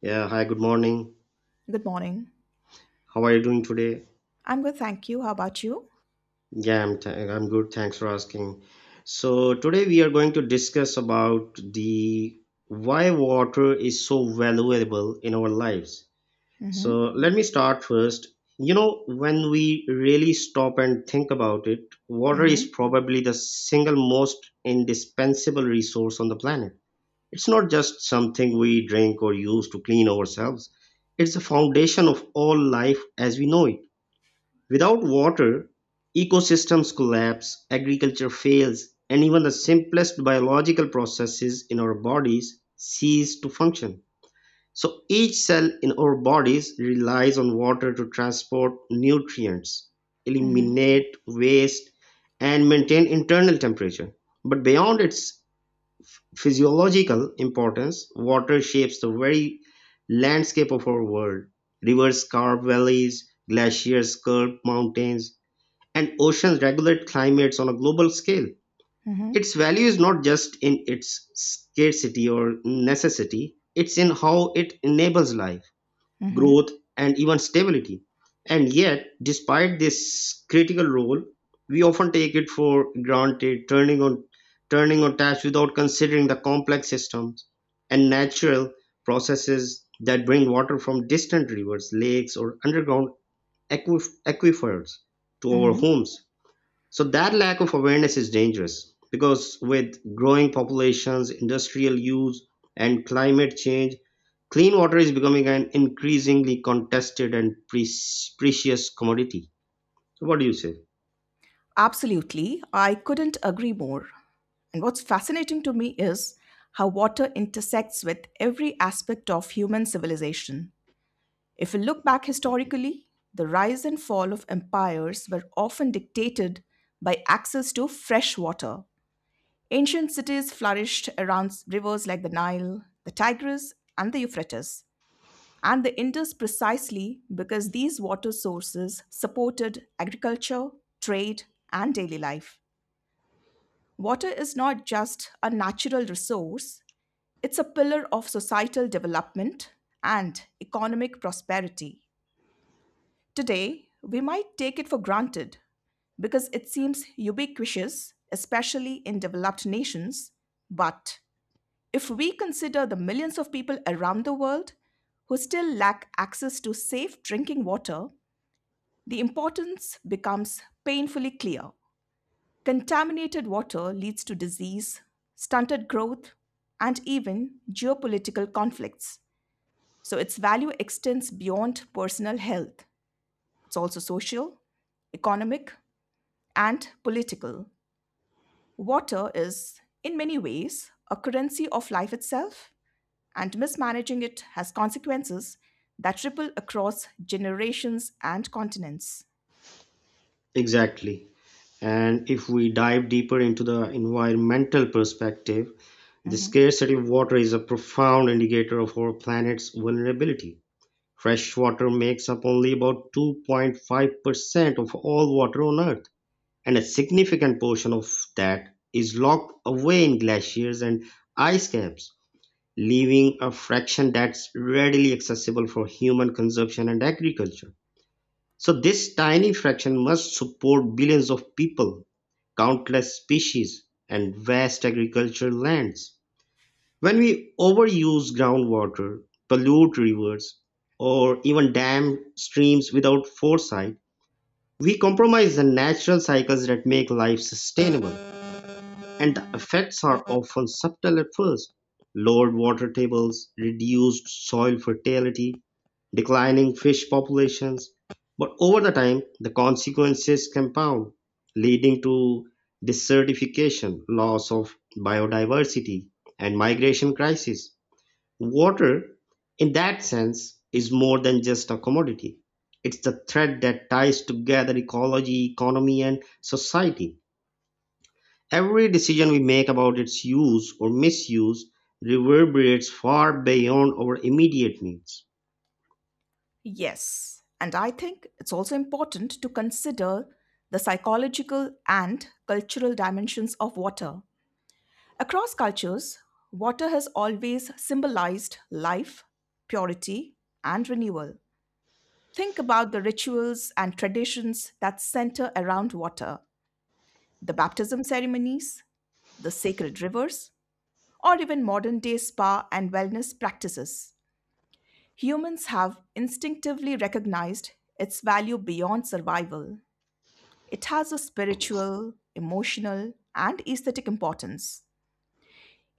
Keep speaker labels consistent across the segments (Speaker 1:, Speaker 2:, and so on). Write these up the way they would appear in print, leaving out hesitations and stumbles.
Speaker 1: Yeah, hi, good morning.
Speaker 2: Good morning.
Speaker 1: How are you doing today?
Speaker 2: I'm good, thank you. How about you?
Speaker 1: Yeah, I'm I'm good. Thanks for asking. So, today we are going to discuss about the why water is so valuable in our lives. So,
Speaker 2: Mm-hmm.
Speaker 1: let me start first. When we really stop and think about it, water is
Speaker 2: Mm-hmm.
Speaker 1: probably the single most indispensable resource on the planet. It's not just something we drink or use to clean ourselves. It's the foundation of all life as we know it. Without water, ecosystems collapse, agriculture fails, and even the simplest biological processes in our bodies cease to function. So each cell in our bodies relies on water to transport nutrients,
Speaker 2: Mm-hmm.
Speaker 1: eliminate waste, and maintain internal temperature. But beyond its physiological importance, water shapes the very landscape of our world. Rivers carve valleys, glaciers sculpt mountains, and oceans regulate climates on a global scale.
Speaker 2: Mm-hmm.
Speaker 1: Its value is not just in its scarcity or necessity, it's in how it enables life,
Speaker 2: Mm-hmm.
Speaker 1: growth, and even stability. And yet, despite this critical role, we often take it for granted, turning on taps without considering the complex systems and natural processes that bring water from distant rivers, lakes, or underground aquifers to our
Speaker 2: Mm-hmm.
Speaker 1: homes. So that lack of awareness is dangerous because with growing populations, industrial use, and climate change, clean water is becoming an increasingly contested and precious commodity. So what do you say?
Speaker 2: Absolutely. I couldn't agree more. And what's fascinating to me is how water intersects with every aspect of human civilization. If we look back historically, the rise and fall of empires were often dictated by access to fresh water. Ancient cities flourished around rivers like the Nile, the Tigris, and the Euphrates, and the Indus precisely because these water sources supported agriculture, trade, and daily life. Water is not just a natural resource, it's a pillar of societal development and economic prosperity. Today, we might take it for granted because it seems ubiquitous, especially in developed nations. But if we consider the millions of people around the world who still lack access to safe drinking water, the importance becomes painfully clear. Contaminated water leads to disease, stunted growth, and even geopolitical conflicts. So its value extends beyond personal health. It's also social, economic, and political. Water is, in many ways, a currency of life itself, and mismanaging it has consequences that ripple across generations and continents.
Speaker 1: Exactly. And if we dive deeper into the environmental perspective, the
Speaker 2: Mhm.
Speaker 1: scarcity of water is a profound indicator of our planet's vulnerability. Fresh water makes up only about 2.5% of all water on Earth, and a significant portion of that is locked away in glaciers and ice caps, leaving a fraction that's readily accessible for human consumption and agriculture. So this tiny fraction must support billions of people, countless species, and vast agricultural lands. When we overuse groundwater, pollute rivers, or even dam streams without foresight, we compromise the natural cycles that make life sustainable. And the effects are often subtle at first: lowered water tables, reduced soil fertility, declining fish populations. But over the time, the consequences compound, leading to desertification, loss of biodiversity, and migration crisis. Water, in that sense, is more than just a commodity. It's the thread that ties together ecology, economy, and society. Every decision we make about its use or misuse reverberates far beyond our immediate needs.
Speaker 2: Yes, and I think it's also important to consider the psychological and cultural dimensions of water. Across cultures, water has always symbolized life, purity, and renewal. Think about the rituals and traditions that center around water, the baptism ceremonies, the sacred rivers, or even modern day spa and wellness practices. Humans have instinctively recognized its value beyond survival. It has a spiritual, emotional, and aesthetic importance.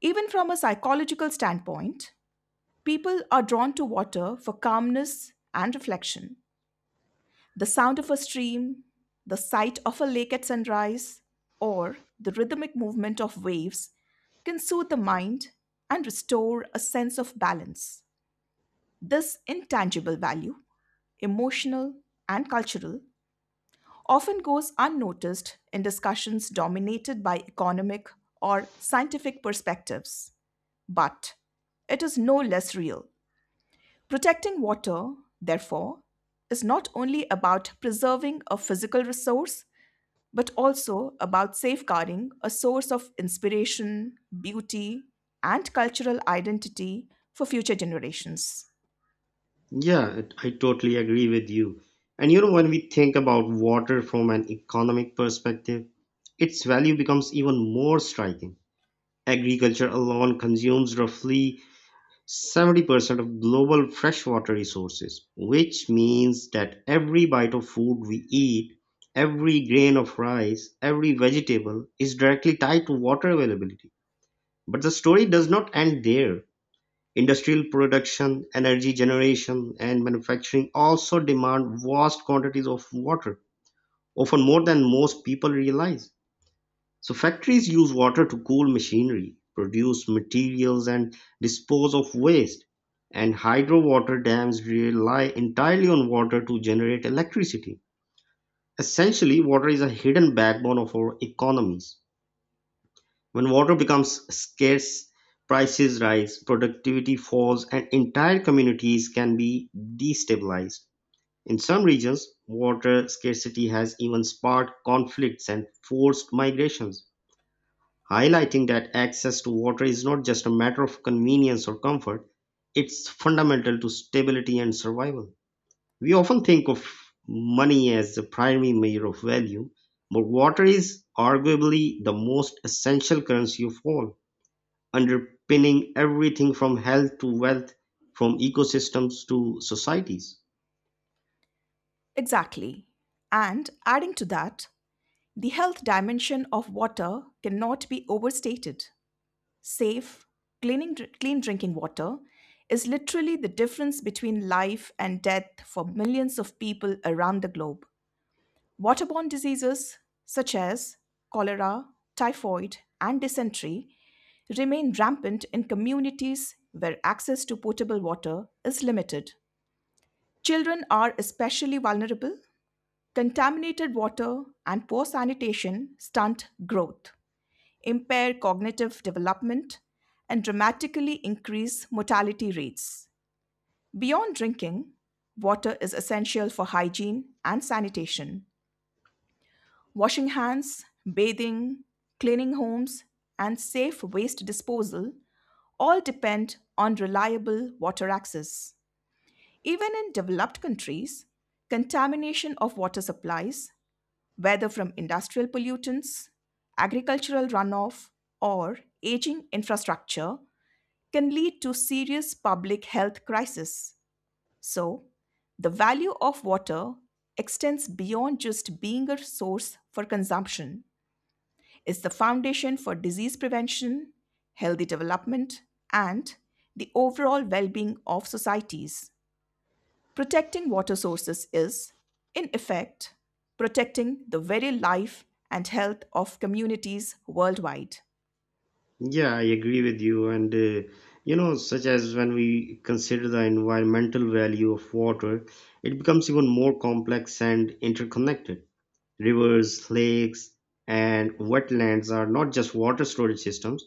Speaker 2: Even from a psychological standpoint, people are drawn to water for calmness and reflection. The sound of a stream, the sight of a lake at sunrise, or the rhythmic movement of waves can soothe the mind and restore a sense of balance. This intangible value, emotional and cultural, often goes unnoticed in discussions dominated by economic or scientific perspectives. But it is no less real. Protecting water, therefore, is not only about preserving a physical resource, but also about safeguarding a source of inspiration, beauty, and cultural identity for future generations.
Speaker 1: Yeah, I totally agree with you. And when we think about water from an economic perspective, its value becomes even more striking. Agriculture alone consumes roughly 70% of global freshwater resources, which means that every bite of food we eat, every grain of rice, every vegetable is directly tied to water availability. But the story does not end there. Industrial production, energy generation, and manufacturing also demand vast quantities of water, often more than most people realize. So factories use water to cool machinery, produce materials, and dispose of waste. And hydro water dams rely entirely on water to generate electricity. Essentially, water is a hidden backbone of our economies. When water becomes scarce, prices rise, productivity falls, and entire communities can be destabilized. In some regions, water scarcity has even sparked conflicts and forced migrations, highlighting that access to water is not just a matter of convenience or comfort, it's fundamental to stability and survival. We often think of money as the primary measure of value, but water is arguably the most essential currency of all, underpinning everything from health to wealth, from ecosystems to societies.
Speaker 2: Exactly. And adding to that, the health dimension of water cannot be overstated. Safe, Clean drinking water is literally the difference between life and death for millions of people around the globe. Waterborne diseases such as cholera, typhoid, and dysentery remain rampant in communities where access to potable water is limited. Children are especially vulnerable. Contaminated water and poor sanitation stunt growth, impair cognitive development, and dramatically increase mortality rates. Beyond drinking, water is essential for hygiene and sanitation. Washing hands, bathing, cleaning homes, and safe waste disposal all depend on reliable water access. Even in developed countries, contamination of water supplies, whether from industrial pollutants, agricultural runoff, or aging infrastructure, can lead to serious public health crisis. So, the value of water extends beyond just being a source for consumption is the foundation for disease prevention, healthy development, and the overall well being of societies. Protecting water sources is, in effect, protecting the very life and health of communities worldwide.
Speaker 1: Yeah, I agree with you. And, such as when we consider the environmental value of water, it becomes even more complex and interconnected. Rivers, lakes, and wetlands are not just water storage systems,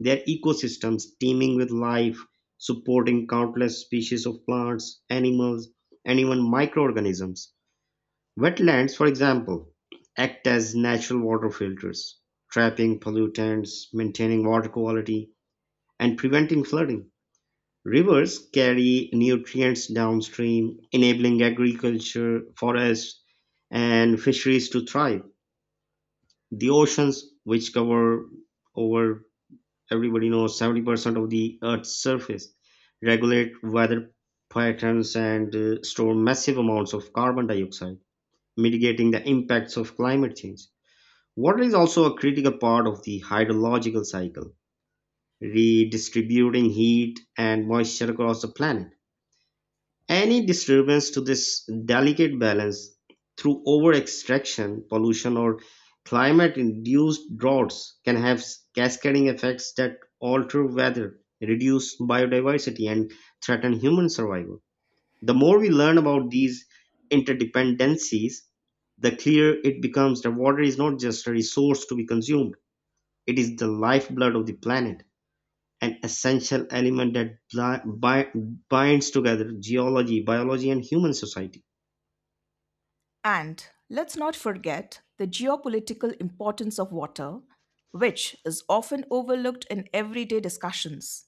Speaker 1: they are ecosystems teeming with life, supporting countless species of plants, animals, and even microorganisms. Wetlands, for example, act as natural water filters, trapping pollutants, maintaining water quality, and preventing flooding. Rivers carry nutrients downstream, enabling agriculture, forests, and fisheries to thrive. The oceans, which cover over, everybody knows, 70% of the Earth's surface, regulate weather patterns and store massive amounts of carbon dioxide, mitigating the impacts of climate change. Water is also a critical part of the hydrological cycle, redistributing heat and moisture across the planet. Any disturbance to this delicate balance through over-extraction, pollution, or climate induced droughts can have cascading effects that alter weather, reduce biodiversity, and threaten human survival. The more we learn about these interdependencies, the clearer it becomes that water is not just a resource to be consumed, it is the lifeblood of the planet, an essential element that binds together geology, biology, and human society.
Speaker 2: And let's not forget the geopolitical importance of water, which is often overlooked in everyday discussions.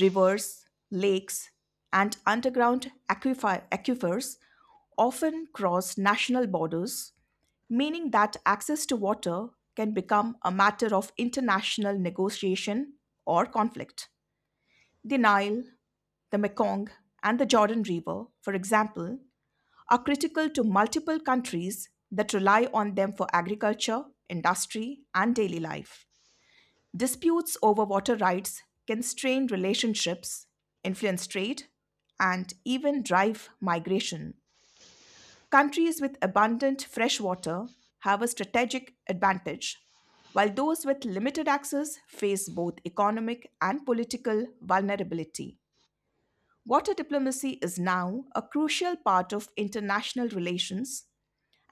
Speaker 2: Rivers, lakes, and underground aquifers often cross national borders, meaning that access to water can become a matter of international negotiation or conflict. The Nile, the Mekong, and the Jordan River, for example, are critical to multiple countries that rely on them for agriculture, industry, and daily life. Disputes over water rights can strain relationships, influence trade, and even drive migration. Countries with abundant fresh water have a strategic advantage, while those with limited access face both economic and political vulnerability. Water diplomacy is now a crucial part of international relations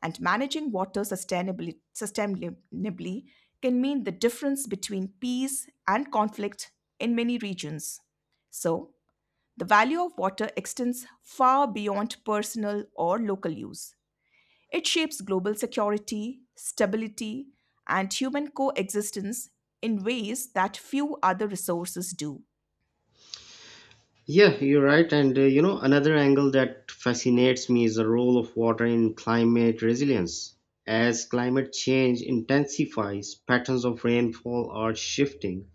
Speaker 2: and managing water sustainably can mean the difference between peace and conflict in many regions. So, the value of water extends far beyond personal or local use. It shapes global security, stability, and human coexistence in ways that few other resources do.
Speaker 1: Yeah, you're right. And another angle that fascinates me is the role of water in climate resilience. As climate change intensifies, patterns of rainfall are shifting,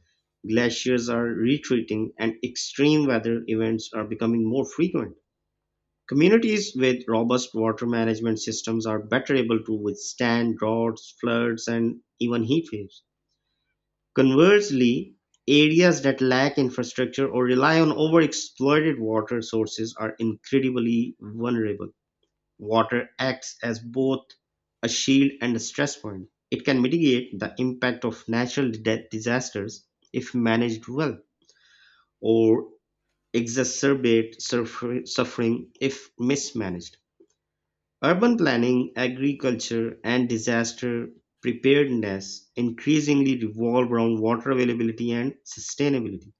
Speaker 1: glaciers are retreating, and extreme weather events are becoming more frequent. Communities with robust water management systems are better able to withstand droughts, floods, and even heat waves. Conversely, areas that lack infrastructure or rely on overexploited water sources are incredibly vulnerable. Water acts as both a shield and a stress point. It can mitigate the impact of natural disasters if managed well, or exacerbate suffering if mismanaged. Urban planning, agriculture, and disaster preparedness increasingly revolve around water availability and sustainability.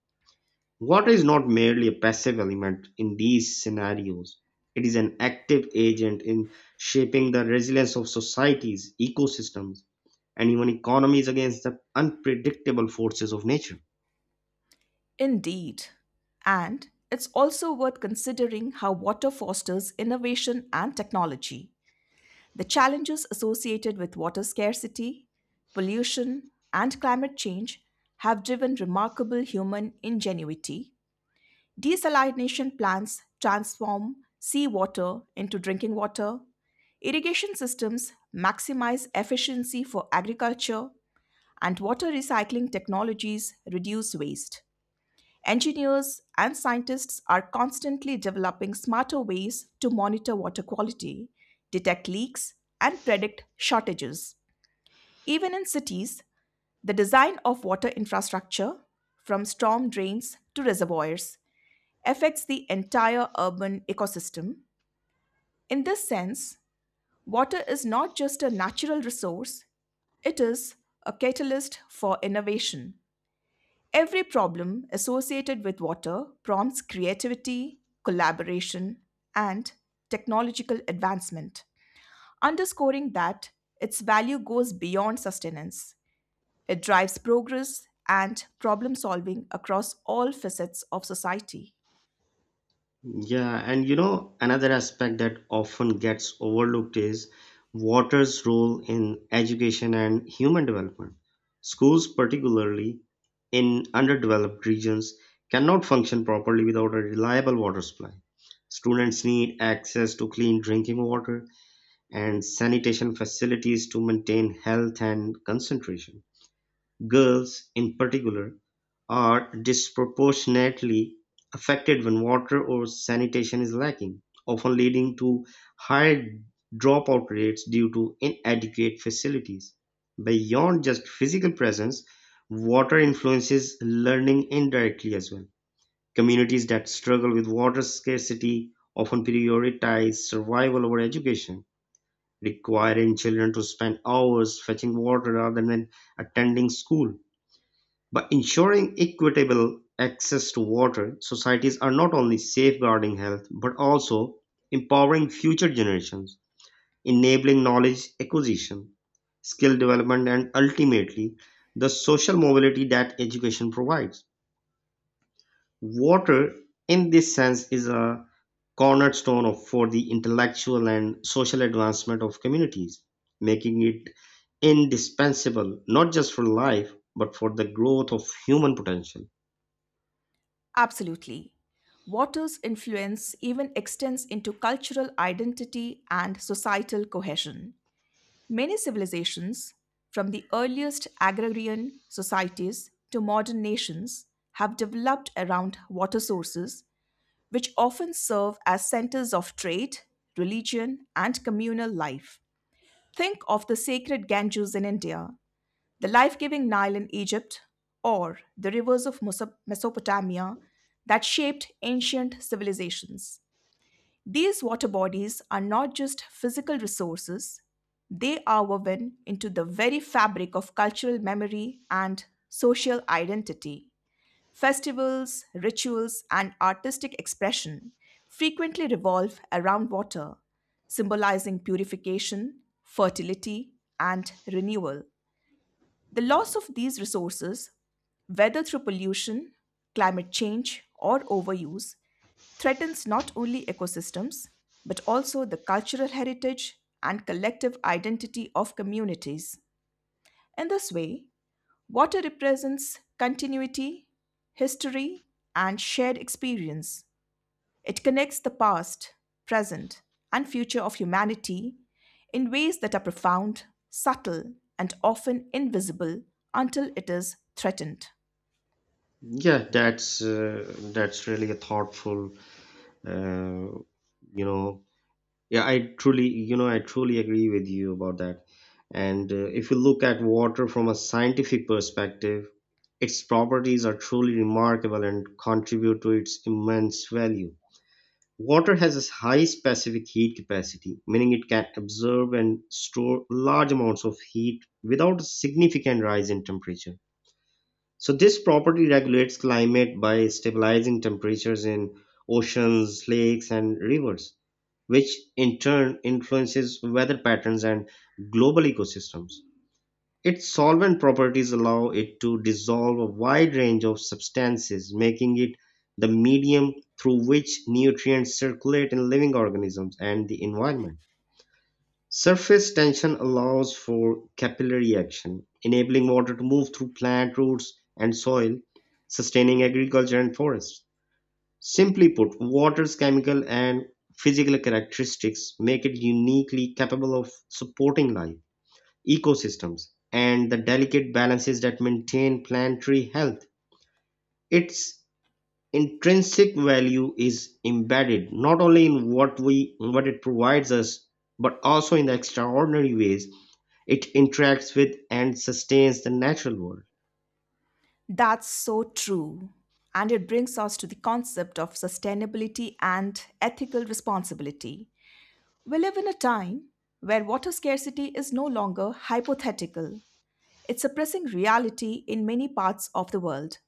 Speaker 1: Water is not merely a passive element in these scenarios, it is an active agent in shaping the resilience of societies, ecosystems, and even economies against the unpredictable forces of nature.
Speaker 2: Indeed. And it's also worth considering how water fosters innovation and technology. The challenges associated with water scarcity, pollution, and climate change have driven remarkable human ingenuity. Desalination plants transform seawater into drinking water. Irrigation systems maximize efficiency for agriculture, and water recycling technologies reduce waste. Engineers and scientists are constantly developing smarter ways to monitor water quality, detect leaks, and predict shortages. Even in cities, the design of water infrastructure, from storm drains to reservoirs, affects the entire urban ecosystem. In this sense, water is not just a natural resource, it is a catalyst for innovation. Every problem associated with water prompts creativity, collaboration, and technological advancement, underscoring that its value goes beyond sustenance. It drives progress and problem solving across all facets of society.
Speaker 1: Yeah, and another aspect that often gets overlooked is water's role in education and human development. Schools, particularly in underdeveloped regions, cannot function properly without a reliable water supply. Students need access to clean drinking water and sanitation facilities to maintain health and concentration. Girls, in particular, are disproportionately affected when water or sanitation is lacking, often leading to higher dropout rates due to inadequate facilities. Beyond just physical presence, water influences learning indirectly as well. Communities that struggle with water scarcity often prioritize survival over education, requiring children to spend hours fetching water rather than attending school. By ensuring equitable access to water, societies are not only safeguarding health but also empowering future generations, enabling knowledge acquisition, skill development, and ultimately the social mobility that education provides. Water, in this sense, is a cornerstone for the intellectual and social advancement of communities, making it indispensable not just for life but for the growth of human potential.
Speaker 2: Absolutely. Water's influence even extends into cultural identity and societal cohesion. Many civilizations, from the earliest agrarian societies to modern nations, have developed around water sources, which often serve as centers of trade, religion, and communal life. Think of the sacred Ganges in India, the life giving Nile in Egypt, or the rivers of Mesopotamia that shaped ancient civilizations. These water bodies are not just physical resources, they are woven into the very fabric of cultural memory and social identity. Festivals, rituals, and artistic expression frequently revolve around water, symbolizing purification, fertility, and renewal. The loss of these resources, whether through pollution, climate change, or overuse, threatens not only ecosystems, but also the cultural heritage and collective identity of communities. In this way, water represents continuity, history, and shared experience. It connects the past, present, and future of humanity in ways that are profound, subtle, and often invisible until it is threatened.
Speaker 1: Yeah, that's really a thoughtful, uh, you know. Yeah, I truly agree with you about that. And if you look at water from a scientific perspective, its properties are truly remarkable and contribute to its immense value. Water has a high specific heat capacity, meaning it can absorb and store large amounts of heat without a significant rise in temperature. So this property regulates climate by stabilizing temperatures in oceans, lakes, and rivers, which in turn influences weather patterns and global ecosystems. Its solvent properties allow it to dissolve a wide range of substances, making it the medium through which nutrients circulate in living organisms and the environment. Surface tension allows for capillary action, enabling water to move through plant roots and soil, sustaining agriculture and forests. Simply put, water's chemical and physical characteristics make it uniquely capable of supporting life, ecosystems, and the delicate balances that maintain planetary health. Its intrinsic value is embedded not only in what it provides us, but also in the extraordinary ways it interacts with and sustains the natural world.
Speaker 2: That's so true. And it brings us to the concept of sustainability and ethical responsibility. We live in a time where water scarcity is no longer hypothetical, it's a pressing reality in many parts of the world.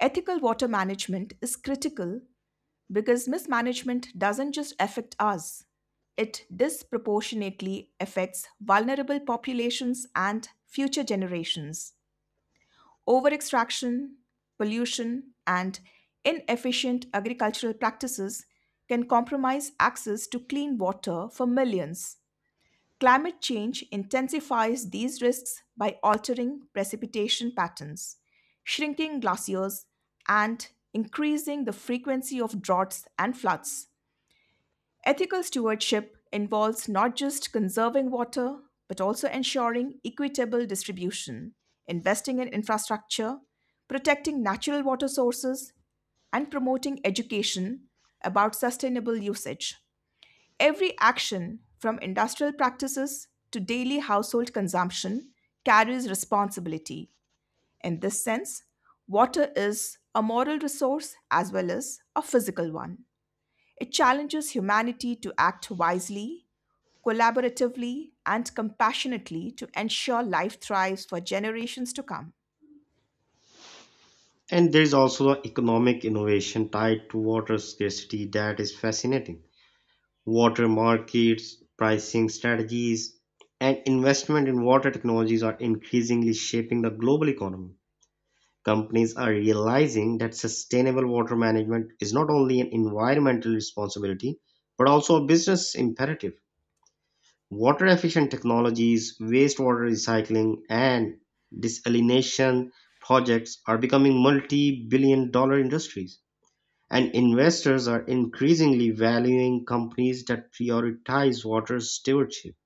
Speaker 2: Ethical water management is critical because mismanagement doesn't just affect us, it disproportionately affects vulnerable populations and future generations. Over extraction, pollution, and inefficient agricultural practices can compromise access to clean water for millions. Climate change intensifies these risks by altering precipitation patterns, shrinking glaciers, and increasing the frequency of droughts and floods. Ethical stewardship involves not just conserving water, but also ensuring equitable distribution, investing in infrastructure, protecting natural water sources, and promoting education about sustainable usage. Every action, from industrial practices to daily household consumption, carries responsibility. In this sense, water is a moral resource as well as a physical one. It challenges humanity to act wisely, collaboratively, and compassionately to ensure life thrives for generations to come.
Speaker 1: And there's also a economic innovation tied to water scarcity that is fascinating. Water markets, pricing strategies, and investment in water technologies are increasingly shaping the global economy. Companies are realizing that sustainable water management is not only an environmental responsibility, but also a business imperative. Water efficient technologies, wastewater recycling, and desalination projects are becoming multi billion-dollar industries. And investors are increasingly valuing companies that prioritize water stewardship.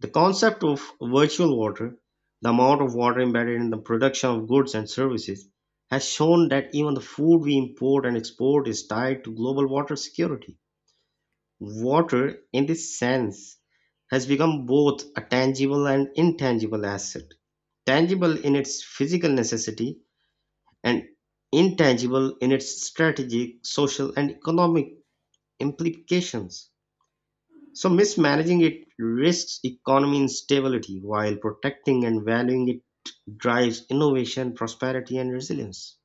Speaker 1: The concept of virtual water, the amount of water embedded in the production of goods and services, has shown that even the food we import and export is tied to global water security. Water, in this sense, has become both a tangible and intangible asset. Tangible in its physical necessity, and intangible in its strategic, social, and economic implications. So mismanaging it risks economy instability, while protecting and valuing it drives innovation, prosperity, and resilience.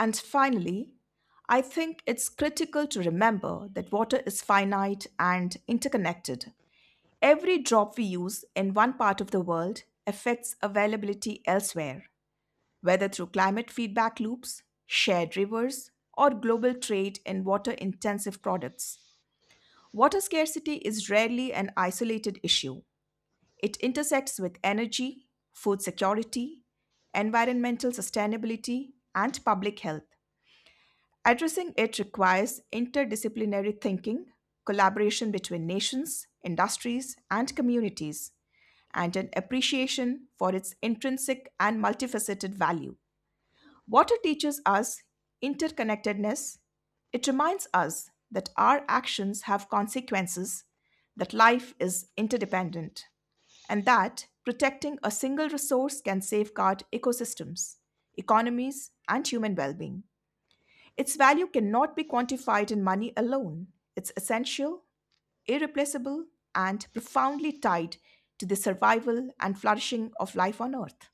Speaker 2: And finally, I think it's critical to remember that water is finite and interconnected. Every drop we use in one part of the world affects availability elsewhere, whether through climate feedback loops, shared rivers, or global trade in water intensive products. Water scarcity is rarely an isolated issue. It intersects with energy, food security, environmental sustainability, and public health. Addressing it requires interdisciplinary thinking, collaboration between nations, industries, and communities, and an appreciation for its intrinsic and multifaceted value. Water teaches us interconnectedness. It reminds us that our actions have consequences, that life is interdependent, and that protecting a single resource can safeguard ecosystems, economies, and human well being. Its value cannot be quantified in money alone. It's essential, irreplaceable, and profoundly tied to the survival and flourishing of life on Earth.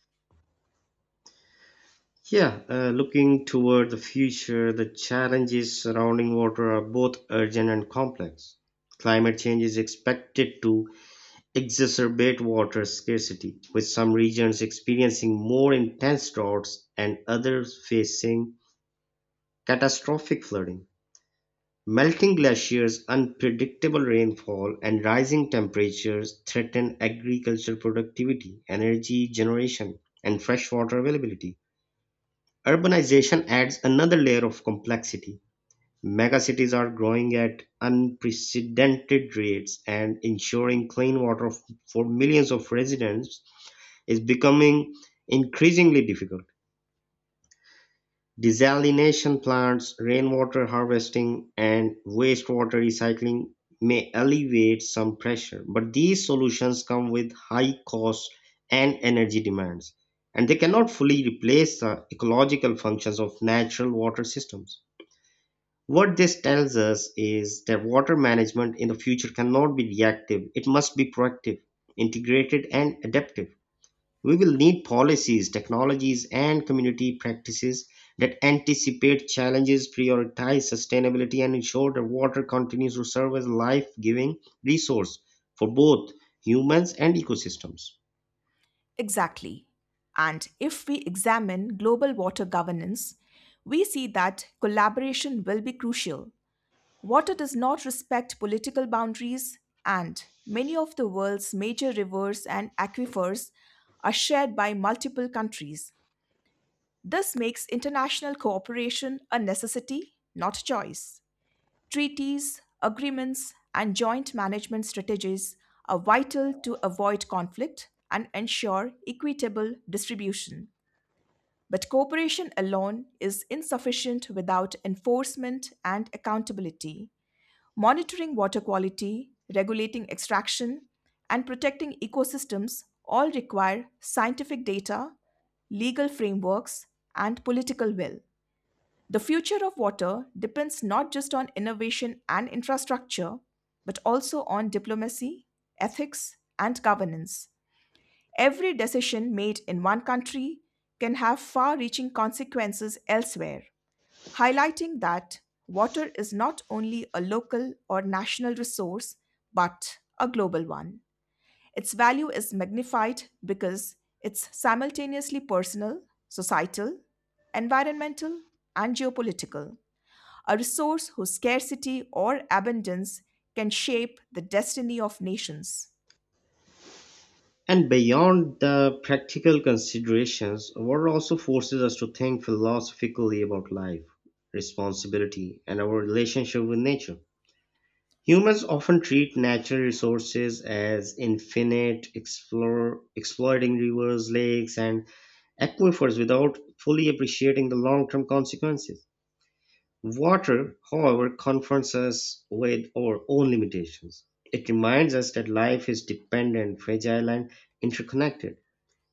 Speaker 1: Yeah, looking toward the future, the challenges surrounding water are both urgent and complex. Climate change is expected to exacerbate water scarcity, with some regions experiencing more intense droughts and others facing catastrophic flooding. Melting glaciers, unpredictable rainfall, and rising temperatures threaten agricultural productivity, energy generation, and freshwater availability. Urbanization adds another layer of complexity. Megacities are growing at unprecedented rates, and ensuring clean water for millions of residents is becoming increasingly difficult. Desalination plants, rainwater harvesting, and wastewater recycling may alleviate some pressure, but these solutions come with high costs and energy demands, and they cannot fully replace the ecological functions of natural water systems. What this tells us is that water management in the future cannot be reactive, it must be proactive, integrated, and adaptive. We will need policies, technologies, and community practices that anticipate challenges, prioritize sustainability, and ensure that water continues to serve as a life giving resource for both humans and ecosystems.
Speaker 2: Exactly. And if we examine global water governance, we see that collaboration will be crucial. Water does not respect political boundaries, and many of the world's major rivers and aquifers are shared by multiple countries. This makes international cooperation a necessity, not a choice. Treaties, agreements, and joint management strategies are vital to avoid conflict and ensure equitable distribution. But cooperation alone is insufficient without enforcement and accountability. Monitoring water quality, regulating extraction, and protecting ecosystems all require scientific data, legal frameworks, and political will. The future of water depends not just on innovation and infrastructure, but also on diplomacy, ethics, and governance. Every decision made in one country can have far reaching consequences elsewhere, highlighting that water is not only a local or national resource, but a global one. Its value is magnified because it's simultaneously personal, societal, environmental, and geopolitical a resource whose scarcity or abundance can shape the destiny of nations.
Speaker 1: And beyond the practical considerations, water also forces us to think philosophically about life, responsibility, and our relationship with nature. Humans often treat natural resources as infinite, explore, exploiting rivers, lakes, and aquifers without fully appreciating the long term consequences. Water, however, confronts us with our own limitations. It reminds us that life is dependent, fragile, and interconnected.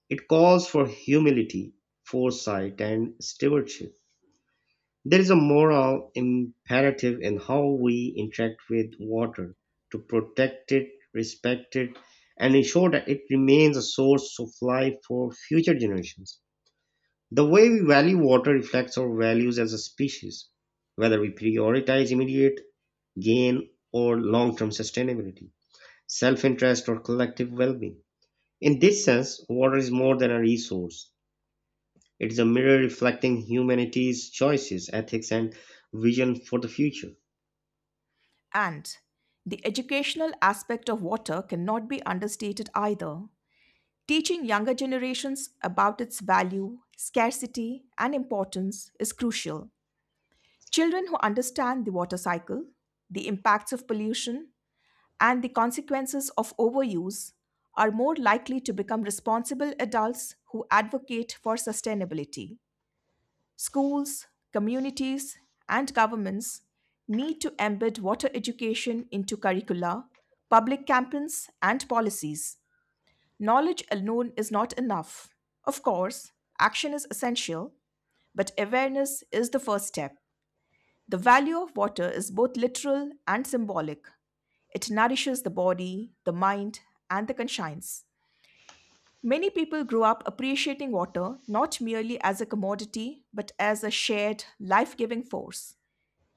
Speaker 1: It calls for humility, foresight, and stewardship. There is a moral imperative in how we interact with water, to protect it, respect it, and ensure that it remains a source of life for future generations. The way we value water reflects our values as a species, whether we prioritize immediate gain or long term sustainability, self interest, or collective well being. In this sense, water is more than a resource. It is a mirror reflecting humanity's choices, ethics, and vision for the future.
Speaker 2: And the educational aspect of water cannot be understated either. Teaching younger generations about its value, scarcity, and importance is crucial. Children who understand the water cycle, the impacts of pollution, and the consequences of overuse are more likely to become responsible adults who advocate for sustainability. Schools, communities, and governments need to embed water education into curricula, public campaigns, and policies. Knowledge alone is not enough. Of course, action is essential, but awareness is the first step. The value of water is both literal and symbolic. It nourishes the body, the mind, and the conscience. Many people grow up appreciating water not merely as a commodity, but as a shared, life giving force.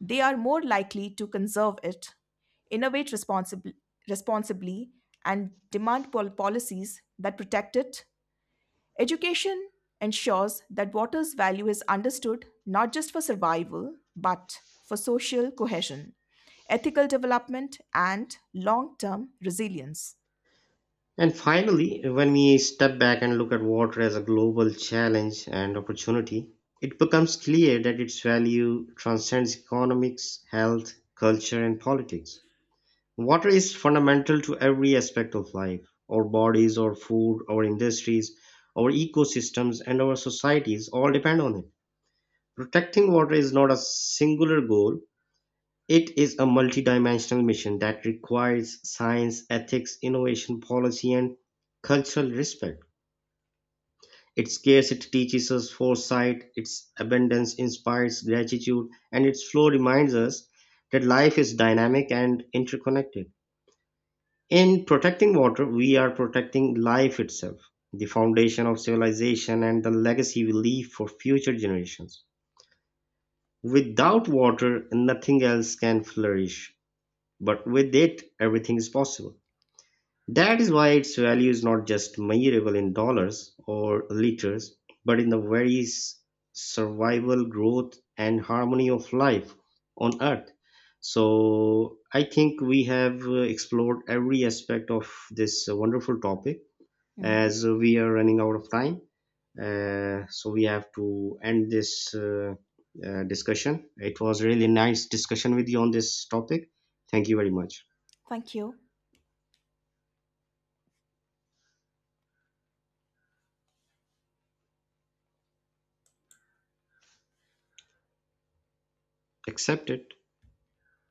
Speaker 2: They are more likely to conserve it, innovate responsibly, and demand policies that protect it. Education ensures that water's value is understood not just for survival, but for social cohesion, ethical development, and long term resilience.
Speaker 1: And finally, when we step back and look at water as a global challenge and opportunity, it becomes clear that its value transcends economics, health, culture, and politics. Water is fundamental to every aspect of life: our bodies, our food, our industries, our ecosystems, and our societies all depend on it. Protecting water is not a singular goal, it is a multidimensional mission that requires science, ethics, innovation, policy, and cultural respect. Its scarcity teaches us foresight, its abundance inspires gratitude, and its flow reminds us that life is dynamic and interconnected. In protecting water, we are protecting life itself, the foundation of civilization and the legacy we leave for future generations. Without water, nothing else can flourish, but with it, everything is possible. That is why its value is not just measurable in dollars or liters, but in the very survival, growth, and harmony of life on Earth. So, I think we have explored every aspect of this wonderful topic,
Speaker 2: Hmm.
Speaker 1: as we are running out of time. So, we have to end this discussion. It was really nice discussion with you on this topic. Thank you very much.
Speaker 2: Thank you.
Speaker 1: Accepted.